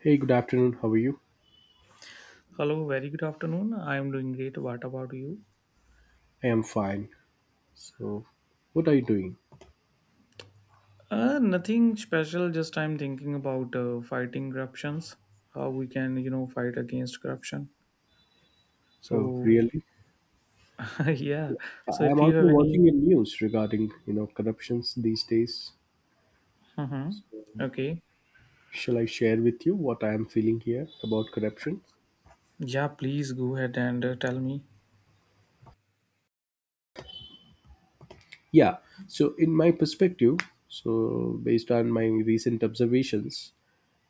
Hey, good afternoon. How are you? Hello, very good afternoon. I am doing great. What about you? I am fine. So, what are you doing? Nothing special. Just I'm thinking about fighting corruptions. How we can, you know, fight against corruption. Oh, So really? yeah. So, So I if am you also have any, watching the news regarding, corruptions these days. Mhm. Okay, Shall I share with you what I am feeling here about corruption? yeah, please go ahead and tell me. Yeah. So, in my perspective, so, based on my recent observations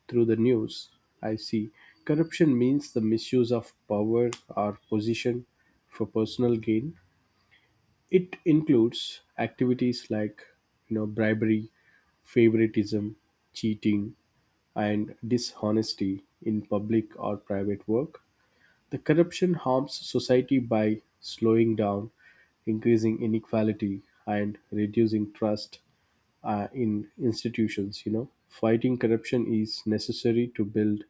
through the news, I see corruption means the misuse of power or position for personal gain. It includes activities like bribery, favoritism, cheating, and dishonesty in public or private work. The corruption harms society by slowing down, increasing inequality, and reducing trust in institutions. You know, fighting corruption is necessary to build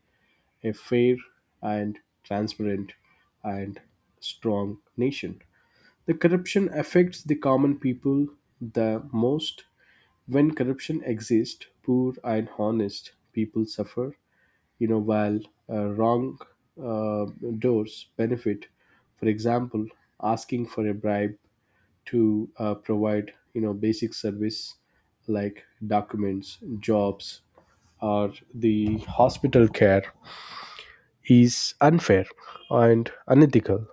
a fair and transparent and strong nation. The corruption affects the common people the most. When corruption exists, poor and honest people suffer, you know, while wrong uh, doors benefit. For example, asking for a bribe to provide, you know, basic service like documents, jobs, or the hospital care is unfair and unethical.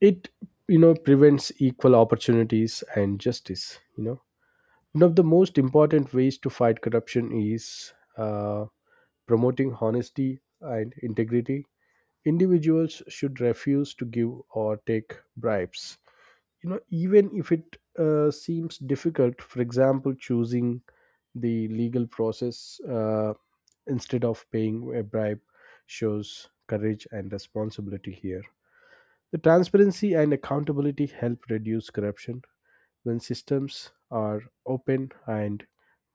It, you know, prevents equal opportunities and justice. You know, one of the most important ways to fight corruption is uh, promoting honesty and integrity. Individuals should refuse to give or take bribes, you know, even if it seems difficult. For example, choosing the legal process, instead of paying a bribe, shows courage and responsibility here. The transparency and accountability help reduce corruption. When systems are open and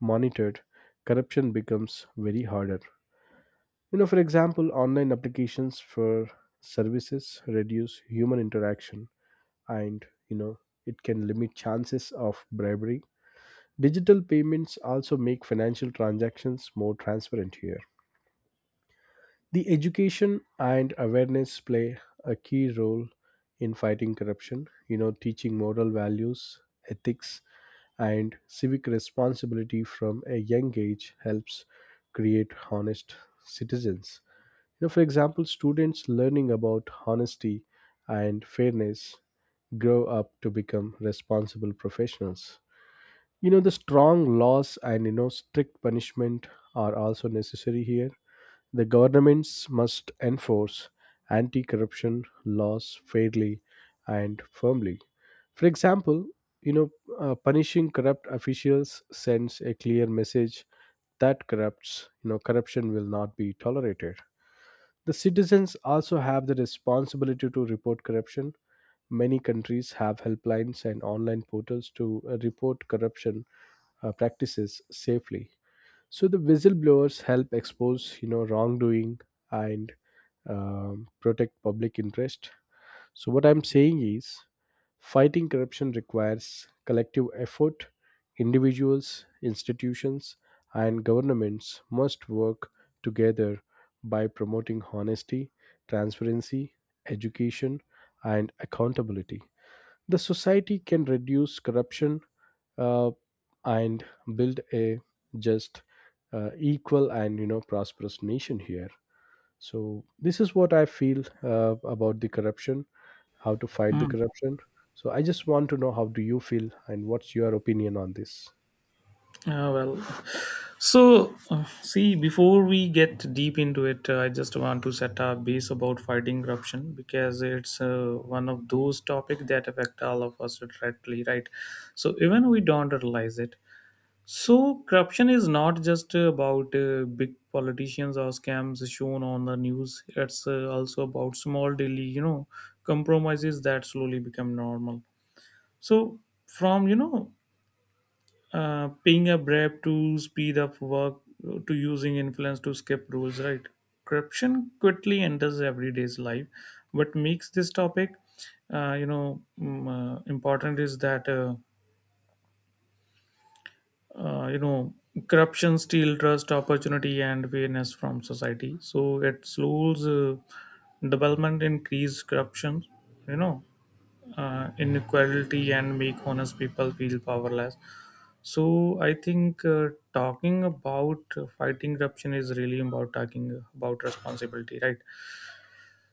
monitored, corruption becomes very harder. You know, for example, online applications for services reduce human interaction and, you know, it can limit chances of bribery. Digital payments also make financial transactions more transparent here. The education and awareness play a key role in fighting corruption. You know, teaching moral values, ethics, and civic responsibility from a young age helps create honest citizens. You know, for example, students learning about honesty and fairness grow up to become responsible professionals. You know, the strong laws and, strict punishment are also necessary here. The governments must enforce anti corruption laws fairly and firmly. For example, you know, punishing corrupt officials sends a clear message that corruption will not be tolerated. The citizens also have the responsibility to report corruption. Many countries have helplines and online portals to report corruption practices safely. So the whistleblowers help expose, wrongdoing and protect public interest. So what I'm saying is, fighting corruption requires collective effort. Individuals, institutions, and governments must work together by promoting honesty, transparency, education, and accountability. The society can reduce corruption uh, and build a just, equal, and prosperous nation here. So this is what I feel about the corruption, how to fight the corruption. So I just want to know how do you feel and what's your opinion on this. Uh, well, See, before we get deep into it, I just want to set a base about fighting corruption because it's one of those topics that affect all of us directly, right? So even we don't realize it. So corruption is not just about big politicians or scams shown on the news. It's also about small daily, you know, compromises that slowly become normal. So from being a brave to speed up work to using influence to skip rules, right? Corruption quickly enters everyday's life. What makes this topic, important is that uh, you know corruption steal trust, opportunity, and fairness from society. So it slows development, increase corruption, you know, inequality, and make honest people feel powerless. So I think talking about fighting corruption is really about talking about responsibility, right?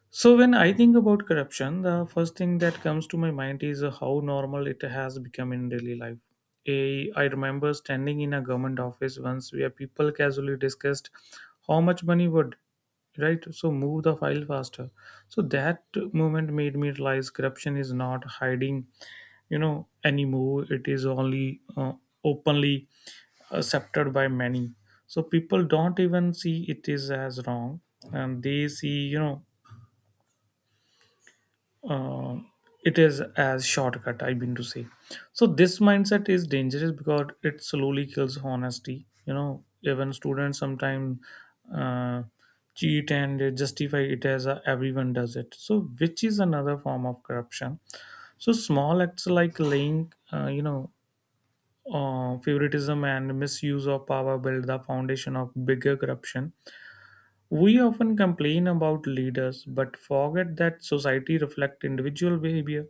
So when I think about corruption, the first thing that comes to my mind is how normal it has become in daily life. I remember standing in a government office once where people casually discussed how much money would, right, so move the file faster. So that moment made me realize corruption is not hiding, you know, anymore. It is only openly accepted by many. So people don't even see it is as wrong, and they see, you know, uh, it is as shortcut, I mean to say. So this mindset is dangerous because it slowly kills honesty, you know. Even students sometimes uh, cheat and they justify it as a, everyone does it, so which is another form of corruption. So small acts like laying, favoritism and misuse of power build the foundation of bigger corruption. We often complain about leaders but forget that society reflects individual behavior.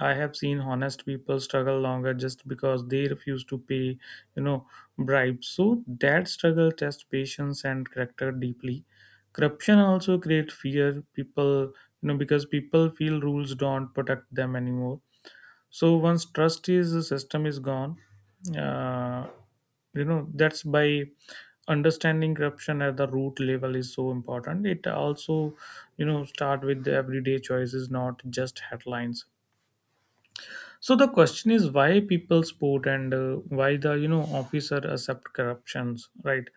I have seen honest people struggle longer just because they refuse to pay, you know, bribes. So that struggle tests patience and character deeply. Corruption also creates fear. Because people feel rules don't protect them anymore. So once trust is the system is gone, uh, that's by understanding corruption at the root level is so important. It also, you know, start with the everyday choices, not just headlines. So the question is why people support and why the, you know, officer accept corruptions, right?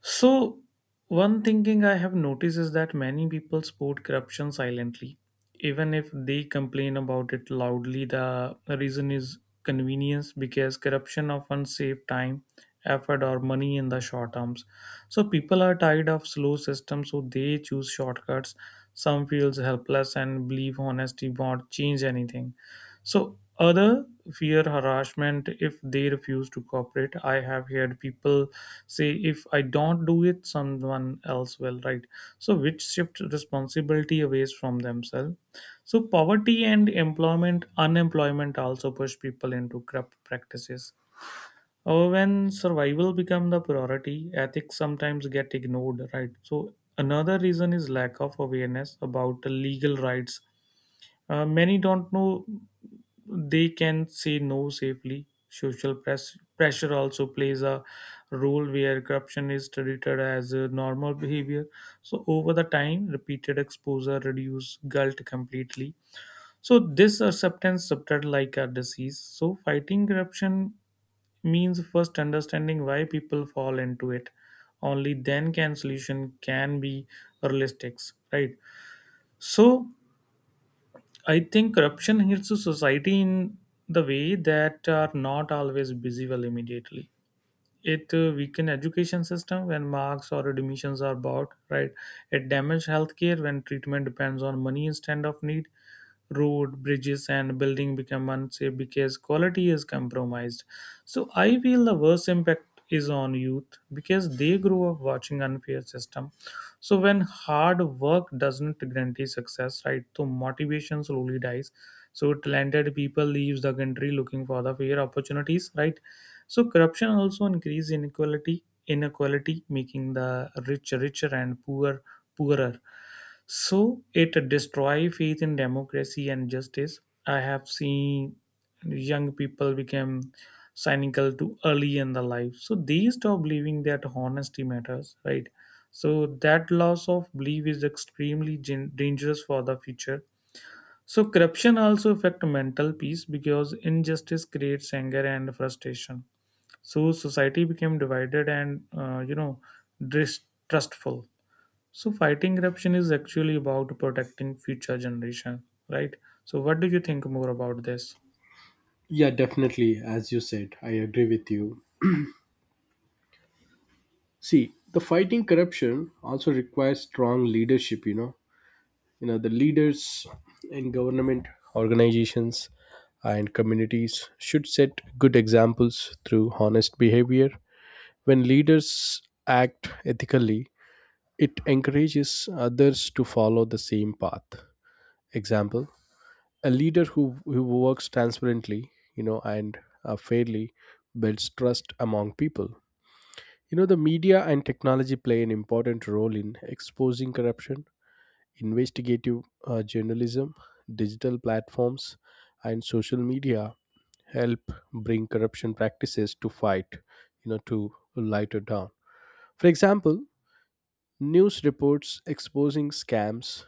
So one thinking I have noticed is that many people support corruption silently. Even if they complain about it loudly, the reason is convenience because corruption often saves time, effort, or money in the short terms. So people are tired of slow systems, so they choose shortcuts. Some feels helpless and believe honesty won't change anything. So other fear harassment if they refuse to cooperate. I have heard people say if I don't do it, someone else will, right? So which shift responsibility away from themselves. So poverty and employment unemployment also push people into corrupt practices, or when survival become the priority, ethics sometimes get ignored, right? So another reason is lack of awareness about legal rights. Many don't know they can say no safely. Pressure also plays a role where corruption is treated as a normal behavior. So over the time, repeated exposure reduce guilt completely. So this acceptance subtract like a disease. So fighting corruption means first understanding why people fall into it. Only then can solution can be realistic, right? So I think corruption hurts the society in the way that are not always visible immediately. It weaken education system when marks or admissions are bought, right. It damage healthcare when treatment depends on money instead of need. Road bridges and building become unsafe because quality is compromised. So I feel the worst impact is on youth because they grow up watching unfair system. So when hard work doesn't guarantee success, right, so motivation slowly dies. So talented people leaves the country looking for the fair opportunities, right. So corruption also increase inequality, making the rich richer and poor poorer. So it destroy faith in democracy and justice. I have seen young people become cynical too early in the life. So they stop believing that honesty matters, right? So that loss of belief is extremely dangerous for the future. So corruption also affect mental peace because injustice creates anger and frustration. So society became divided and, you know, distrustful. So fighting corruption is actually about protecting future generation, right? So what do you think more about this? Yeah, definitely. As you said, I agree with you. See, the fighting corruption also requires strong leadership. You know the leaders in government organizations and communities should set good examples through honest behavior. When leaders act ethically, it encourages others to follow the same path. Example, a leader who works transparently, you know and fairly, builds trust among people. You know, the media and technology play an important role in exposing corruption. Investigative journalism, digital platforms, and social media help bring corruption practices to fight, you know, to lighter down. For example, news reports exposing scams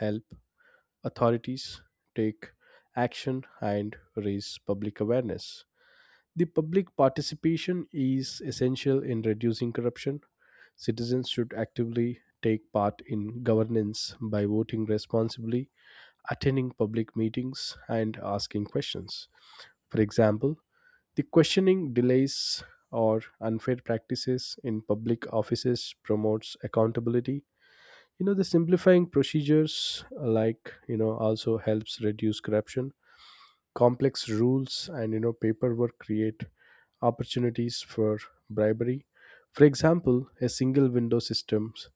help authorities take action and raise public awareness. The public participation is essential in reducing corruption. Citizens should actively take part in governance by voting responsibly, attending public meetings, and asking questions. For example, the questioning delays or unfair practices in public offices promotes accountability. You know, the simplifying procedures, also helps reduce corruption. Complex rules and, paperwork create opportunities for bribery. For example, a single window systems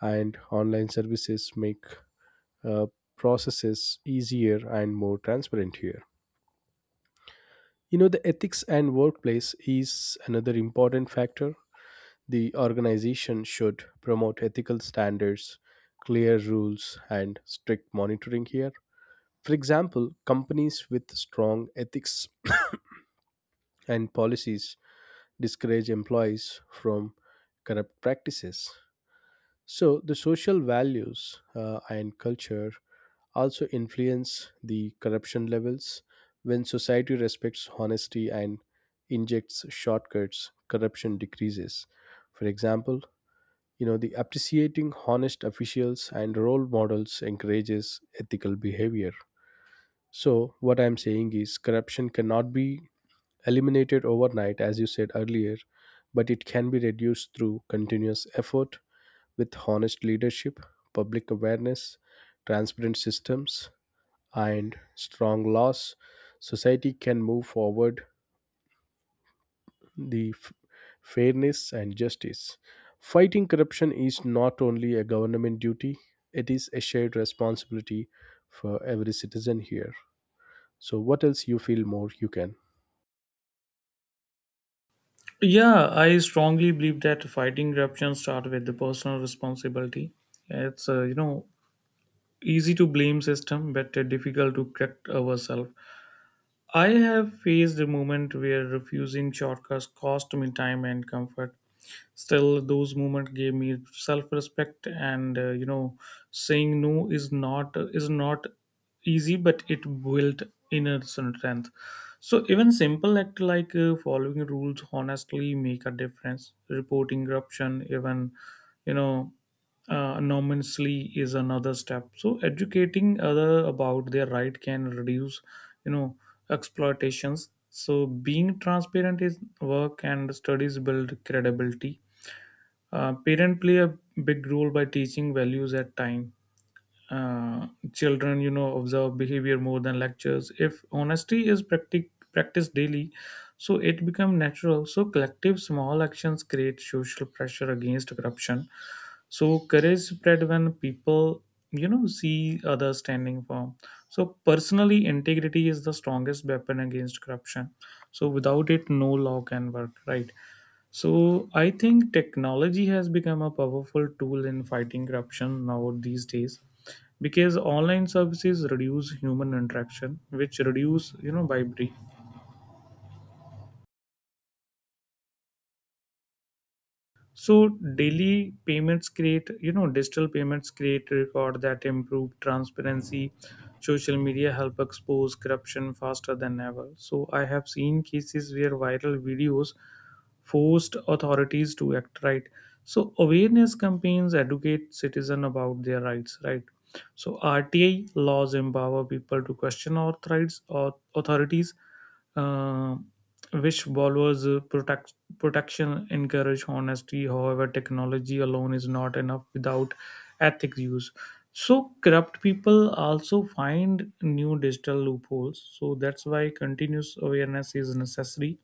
and online services make uh, processes easier and more transparent here. You know, the ethics and workplace is another important factor. The organization should promote ethical standards, clear rules, and strict monitoring here. For example, companies with strong ethics and policies discourage employees from corrupt practices. So, the social values and culture also influence the corruption levels. When society respects honesty and injects shortcuts, corruption decreases. For example, the appreciating honest officials and role models encourages ethical behavior. So, what I'm saying is corruption cannot be eliminated overnight, as you said earlier, but it can be reduced through continuous effort. With honest leadership, public awareness, transparent systems, and strong laws, society can move forward. the f- Fairness and justice. Fighting corruption is not only a government duty, it is a shared responsibility for every citizen here. So what else you feel more you can? Yeah, I strongly believe that fighting corruption starts with the personal responsibility. It's, you know, easy to blame system but difficult to correct ourselves. I have faced a moment where refusing shortcuts cost me time and comfort. Still those moments gave me self-respect and, you know, saying no is not easy, but it built inner strength. So even simple act like following rules honestly make a difference. Reporting corruption even, you know anonymously is another step. So educating other about their right can reduce, you know, exploitations. So being transparent is work, and studies build credibility. Parents play a big role by teaching values at time. uh, Children, you know, observe behavior more than lectures. If honesty is practiced daily, so it become natural. So collective small actions create social pressure against corruption. So courage spread when people, you know, see others standing firm. So personally integrity is the strongest weapon against corruption. So without it no law can work, right? So I think technology has become a powerful tool in fighting corruption now these days because online services reduce human interaction, which reduce, you know, bribery. So daily payments create, you know, digital payments create record that improve transparency. Social media help expose corruption faster than ever. So I have seen cases where viral videos forced authorities to act, right. So awareness campaigns educate citizens about their rights, right. So RTI laws empower people to question authorities or authorities, uh, which borrowers protection encourage honesty. However, technology alone is not enough without ethics use. So corrupt people also find new digital loopholes. So that's why continuous awareness is necessary.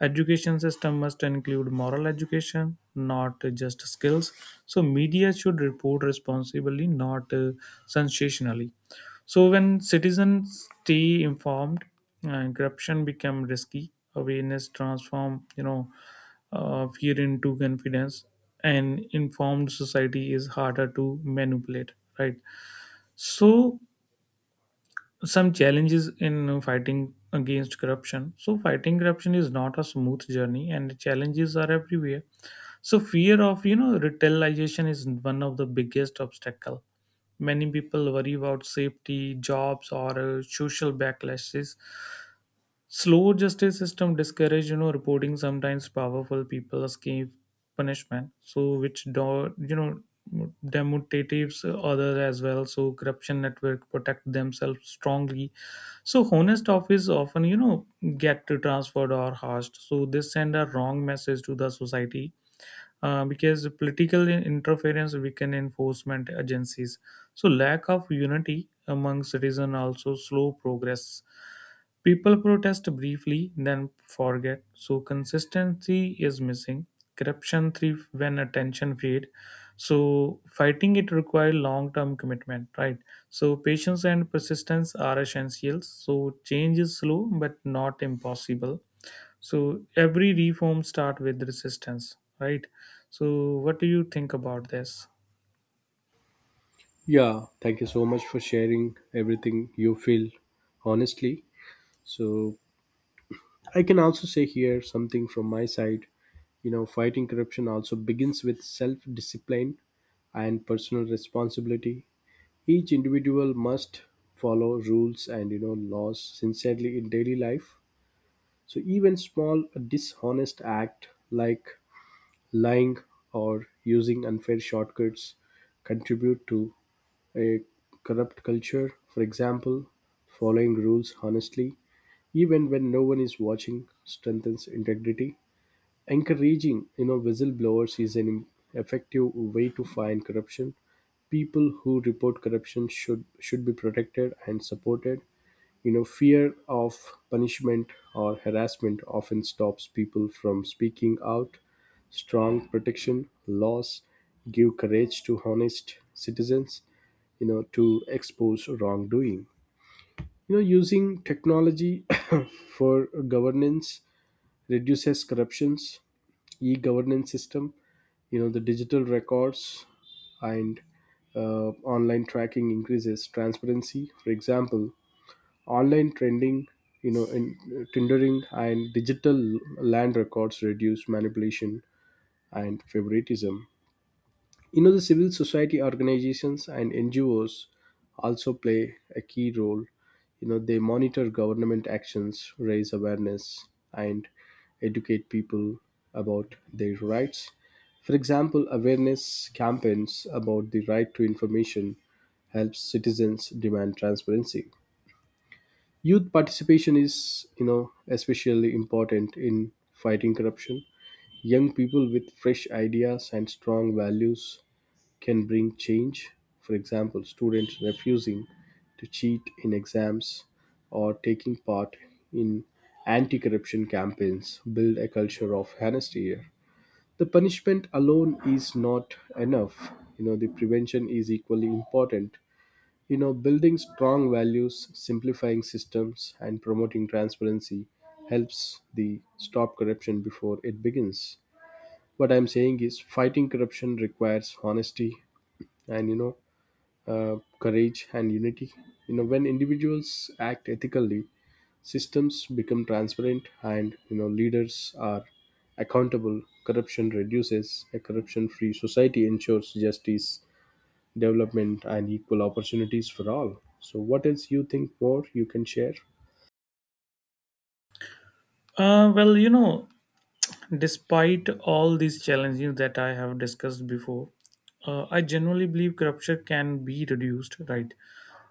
Education system must include moral education, not just skills. So media should report responsibly, not sensationally. So when citizens stay informed, corruption become risky. Awareness transform, you know, fear into confidence, and informed society is harder to manipulate, right? So some challenges in fighting against corruption. So fighting corruption is not a smooth journey, and challenges are everywhere. So fear of, you know, retailization is one of the biggest obstacle. Many people worry about safety, jobs, or social backlashes. Slow justice system discourage, you know, reporting. Sometimes powerful people escape punishment. So which, do you know, demotivates others as well. So corruption network protect themselves strongly. So honest office often, you know, get transferred or hushed. So this send a wrong message to the society. Because political interference weaken enforcement agencies, so lack of unity among citizen also slow progress. People protest briefly, then forget, so consistency is missing. Corruption thrives when attention fades. So fighting it requires long-term commitment, right? So patience and persistence are essentials. So change is slow but not impossible. So every reform starts with resistance, right? So what do you think about this? Yeah, thank you so much for sharing everything you feel honestly. So I can also say here something from my side. You know, fighting corruption also begins with self discipline and personal responsibility. Each individual must follow rules and, laws sincerely in daily life. So even small dishonest act like lying or using unfair shortcuts contribute to a corrupt culture. For example, following rules honestly even when no one is watching strengthens integrity. Encouraging, whistleblowers is an effective way to find corruption. People who report corruption should be protected and supported. You know, fear of punishment or harassment often stops people from speaking out. Strong protection laws give courage to honest citizens, to expose wrongdoing. You know, using technology for governance reduces corruptions. E-governance system, you know, the digital records and uh, online tracking increases transparency. For example, online trending, you know, in tendering and digital land records reduce manipulation and favoritism. You know, the civil society organizations and NGOs also play a key role. You know, they monitor government actions, raise awareness, and educate people about their rights. For example, awareness campaigns about the right to information helps citizens demand transparency. Youth participation is, you know, especially important in fighting corruption. Young people with fresh ideas and strong values can bring change. For example, students refusing to cheat in exams or taking part in anti corruption campaigns build a culture of honesty here. The punishment alone is not enough. You know, the prevention is equally important. You know, building strong values, simplifying systems, and promoting transparency helps the stop corruption before it begins. What I'm saying is fighting corruption requires honesty and, courage, and unity. You know, when individuals act ethically, systems become transparent, and, you know, leaders are accountable. Corruption reduces. A corruption-free society ensures justice, development, and equal opportunities for all. So, what else you think more you can share? Uh, well, you know, Despite all these challenges that I have discussed before, I generally believe corruption can be reduced, right?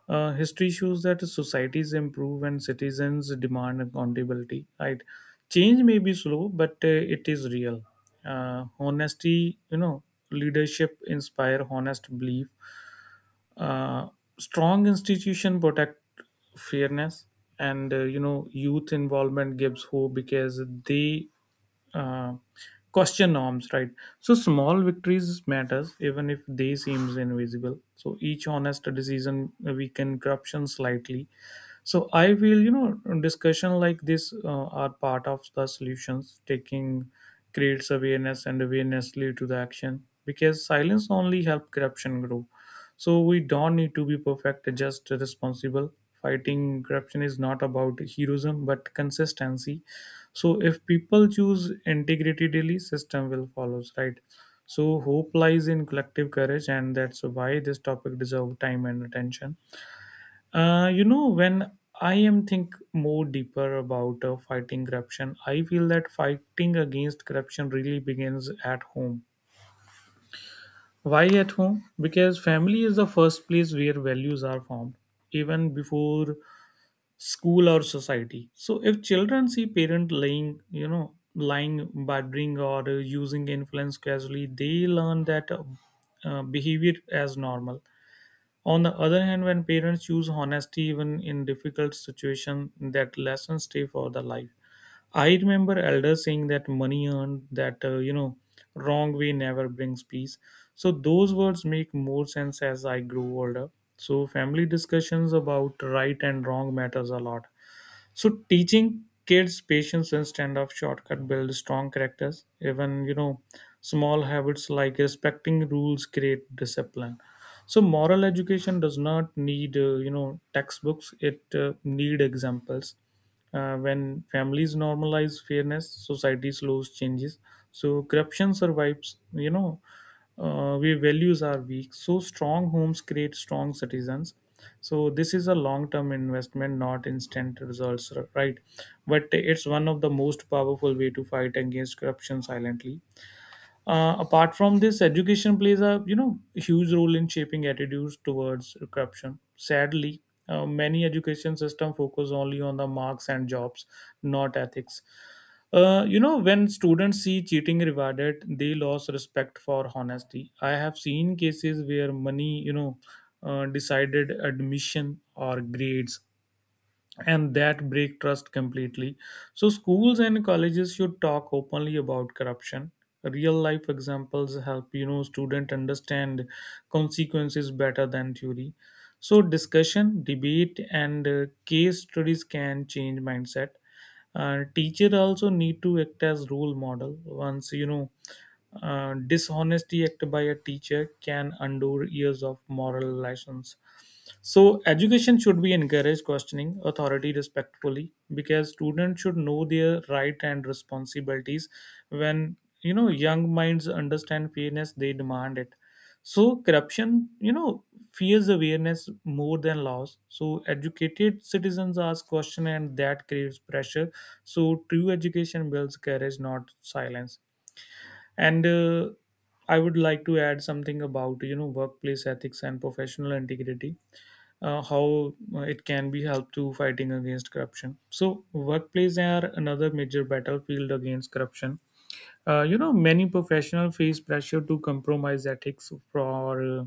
History shows that societies improve and citizens demand accountability, right? Change may be slow, but it is real. Honesty, you know, leadership inspire honest belief. uh, Strong institution protect fairness, and, you know, youth involvement gives hope because they uh, question norms, right. So small victories matters even if they seems invisible. So each honest decision weaken corruption slightly. So I feel, you know, discussion like this, are part of the solutions taking. Creates awareness, and awareness lead to the action because silence only help corruption grow. So we don't need to be perfect, just responsible. Fighting corruption is not about heroism but consistency. So if people choose integrity daily, system will follow, right? So hope lies in collective courage, and that's why this topic deserves time and attention. When I am think more deeper about fighting corruption, I feel that fighting against corruption really begins at home. Why at home? Because family is the first place where values are formed, even before school or society. So if children see parent lying, bartering, or using influence casually, they learn that behavior as normal. On the other hand, when parents choose honesty even in difficult situation, that lessons stay for the life. I remember elders saying that money earned that wrong way never brings peace. So those words make more sense as I grew older. So family discussions about right and wrong matters a lot. So teaching kids patience instead of shortcut builds strong characters. Even small habits like respecting rules create discipline. So moral education does not need textbooks, it need examples. When families normalize fairness, society slows changes. So corruption survives, where values are weak. So strong homes create strong citizens. So this is a long term investment, not instant results, right? But it's one of the most powerful way to fight against corruption silently. Apart from this, education plays a huge role in shaping attitudes towards corruption. Sadly, many education system focus only on the marks and jobs, not ethics. When students see cheating rewarded, they lose respect for honesty. I have seen cases where money, decided admission or grades, and that break trust completely. So schools and colleges should talk openly about corruption. Real life examples help student understand consequences better than theory. So discussion, debate, and case studies can change mindset. Teacher also need to act as role model. Once you know Dishonesty act by a teacher can undo years of moral lessons. So education should be encourage questioning authority respectfully, because students should know their right and responsibilities. When young minds understand fairness, they demand it. So, corruption, fears awareness more than laws. So, educated citizens ask question and that creates pressure. So, true education builds courage, not silence. And I would like to add something about workplace ethics and professional integrity, how it can be helped to fighting against corruption. So workplace are another major battlefield against corruption. Many professionals face pressure to compromise ethics for uh,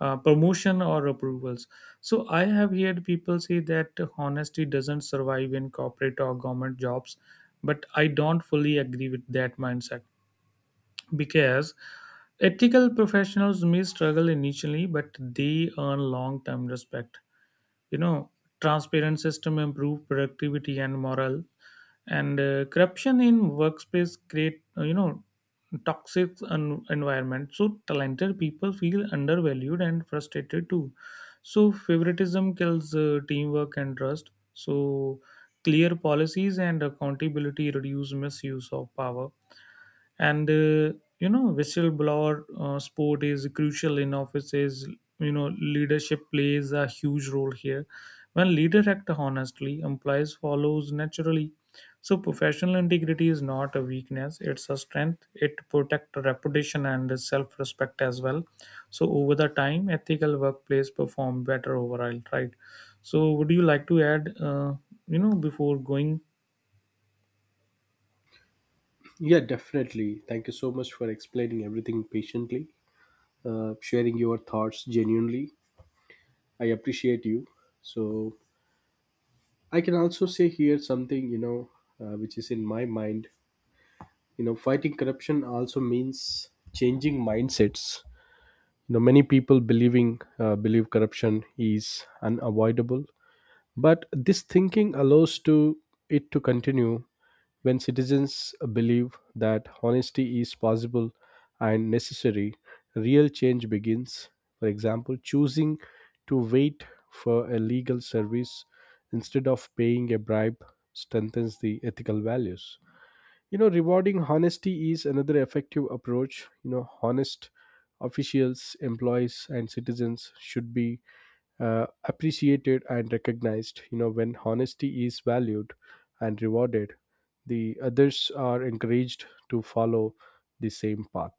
uh, promotion or approvals. So I have heard people say that honesty doesn't survive in corporate or government jobs, but I don't fully agree with that mindset, because ethical professionals may struggle initially, but they earn long-term respect. you know Transparent system improve productivity and morale. And corruption in workspace create toxic environment, so talented people feel undervalued and frustrated too. So favoritism kills teamwork and trust. So clear policies and accountability reduce misuse of power. And whistleblower sport is crucial in offices. Leadership plays a huge role here. When leader act honestly, employees follows naturally. So professional integrity is not a weakness, it's a strength. It protect reputation and self respect as well. So over the time, ethical workplace perform better overall, right? So would you like to add before going? Yeah, definitely. Thank you so much for explaining everything patiently, sharing your thoughts genuinely. I appreciate you. So, I can also say here something, which is in my mind. You know, fighting corruption also means changing mindsets. You know, many people believing believe corruption is unavoidable, but this thinking allows to it to continue. When citizens believe that honesty is possible and necessary, real change begins. For example, choosing to wait for a legal service instead of paying a bribe strengthens the ethical values. You know, rewarding honesty is another effective approach. You know, honest officials, employees, and citizens should be appreciated and recognized. You know, when honesty is valued and rewarded, the others are encouraged to follow the same path.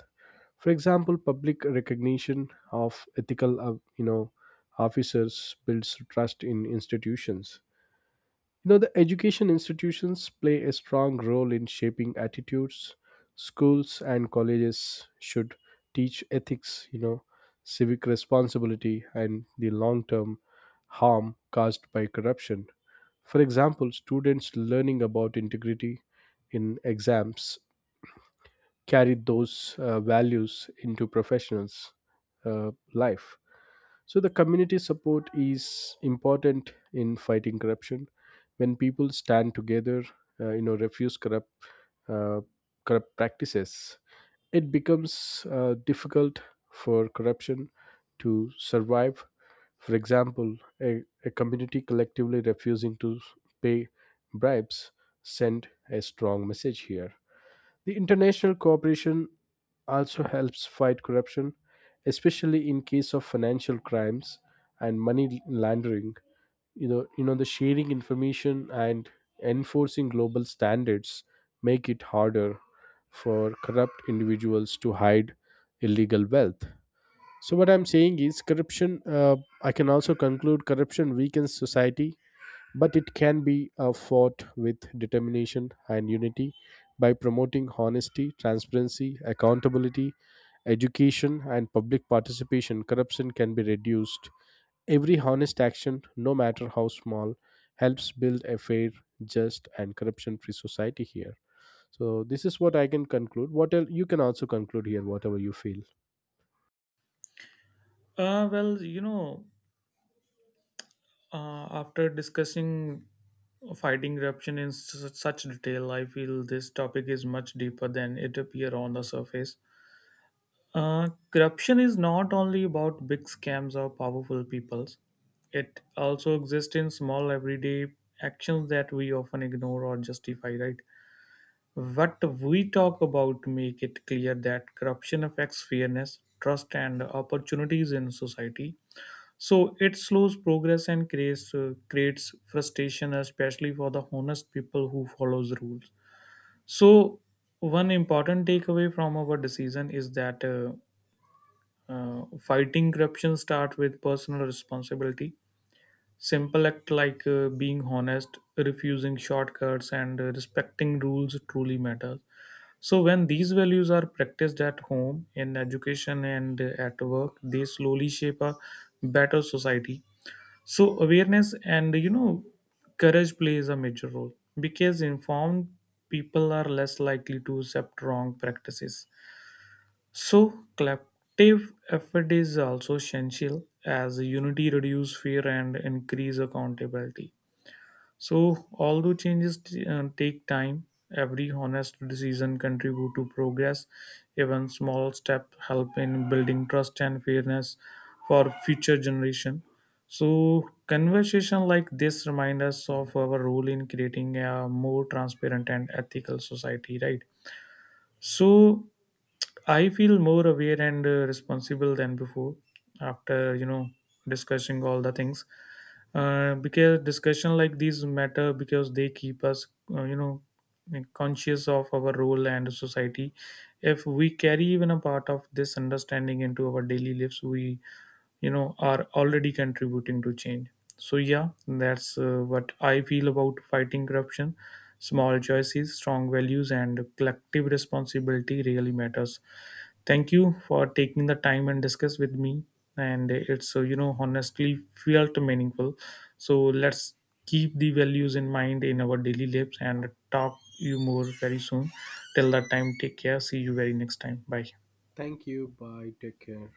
For example, public recognition of ethical, officers builds trust in institutions. You know, the education institutions play a strong role in shaping attitudes. Schools and colleges should teach ethics, you know, civic responsibility, and the long term harm caused by corruption. For example, students learning about integrity in exams carry those values into professionals' life. So the community support is important in fighting corruption. When people stand together, refuse uh, corrupt practices, it becomes difficult for corruption to survive. For example, a community collectively refusing to pay bribes send a strong message here. The international cooperation also helps fight corruption, especially in case of financial crimes and money laundering. You know, the sharing information and enforcing global standards make it harder for corrupt individuals to hide illegal wealth. So what I'm saying is corruption. I can also conclude corruption weakens society but it can be fought with determination and unity. By promoting honesty, transparency, accountability, education, and public participation, corruption can be reduced. Every honest action, no matter how small, helps build a fair, just, and corruption-free society here. So this is what I can conclude. What else you can also conclude here, whatever you feel. Well, after discussing fighting corruption in such detail, I feel this topic is much deeper than it appear on the surface. Corruption is not only about big scams or powerful peoples. It also exists in small everyday actions that we often ignore or justify, right? What we talk about make it clear that corruption affects fairness, trust and opportunities in society. So it slows progress and creates frustration, especially for the honest people who follows rules. So one important takeaway from our decision is that fighting corruption starts with personal responsibility. Simple act like being honest, refusing shortcuts, and respecting rules truly matters. So when these values are practiced at home, in education, and at work, they slowly shape a better society. So awareness and courage plays a major role, because informed people are less likely to accept wrong practices. So collective effort is also essential, as unity reduces fear and increase accountability. So, although changes take time, every honest decision contribute to progress. Even small steps help in building trust and fairness for future generation. So, conversation like this remind us of our role in creating a more transparent and ethical society, right? So, I feel more aware and responsible than before, after discussing all the things, because discussion like these matter because they keep us uh, you know conscious of our role and society. If we carry even a part of this understanding into our daily lives, we are already contributing to change. So yeah, that's what I feel about fighting corruption. Small choices, strong values, and collective responsibility really matters. Thank you for taking the time and discuss with me. And it's honestly felt meaningful. So let's keep the values in mind in our daily lives and talk you more very soon. Till that time, take care. See you very next time. Bye. Thank you. Bye. Take care.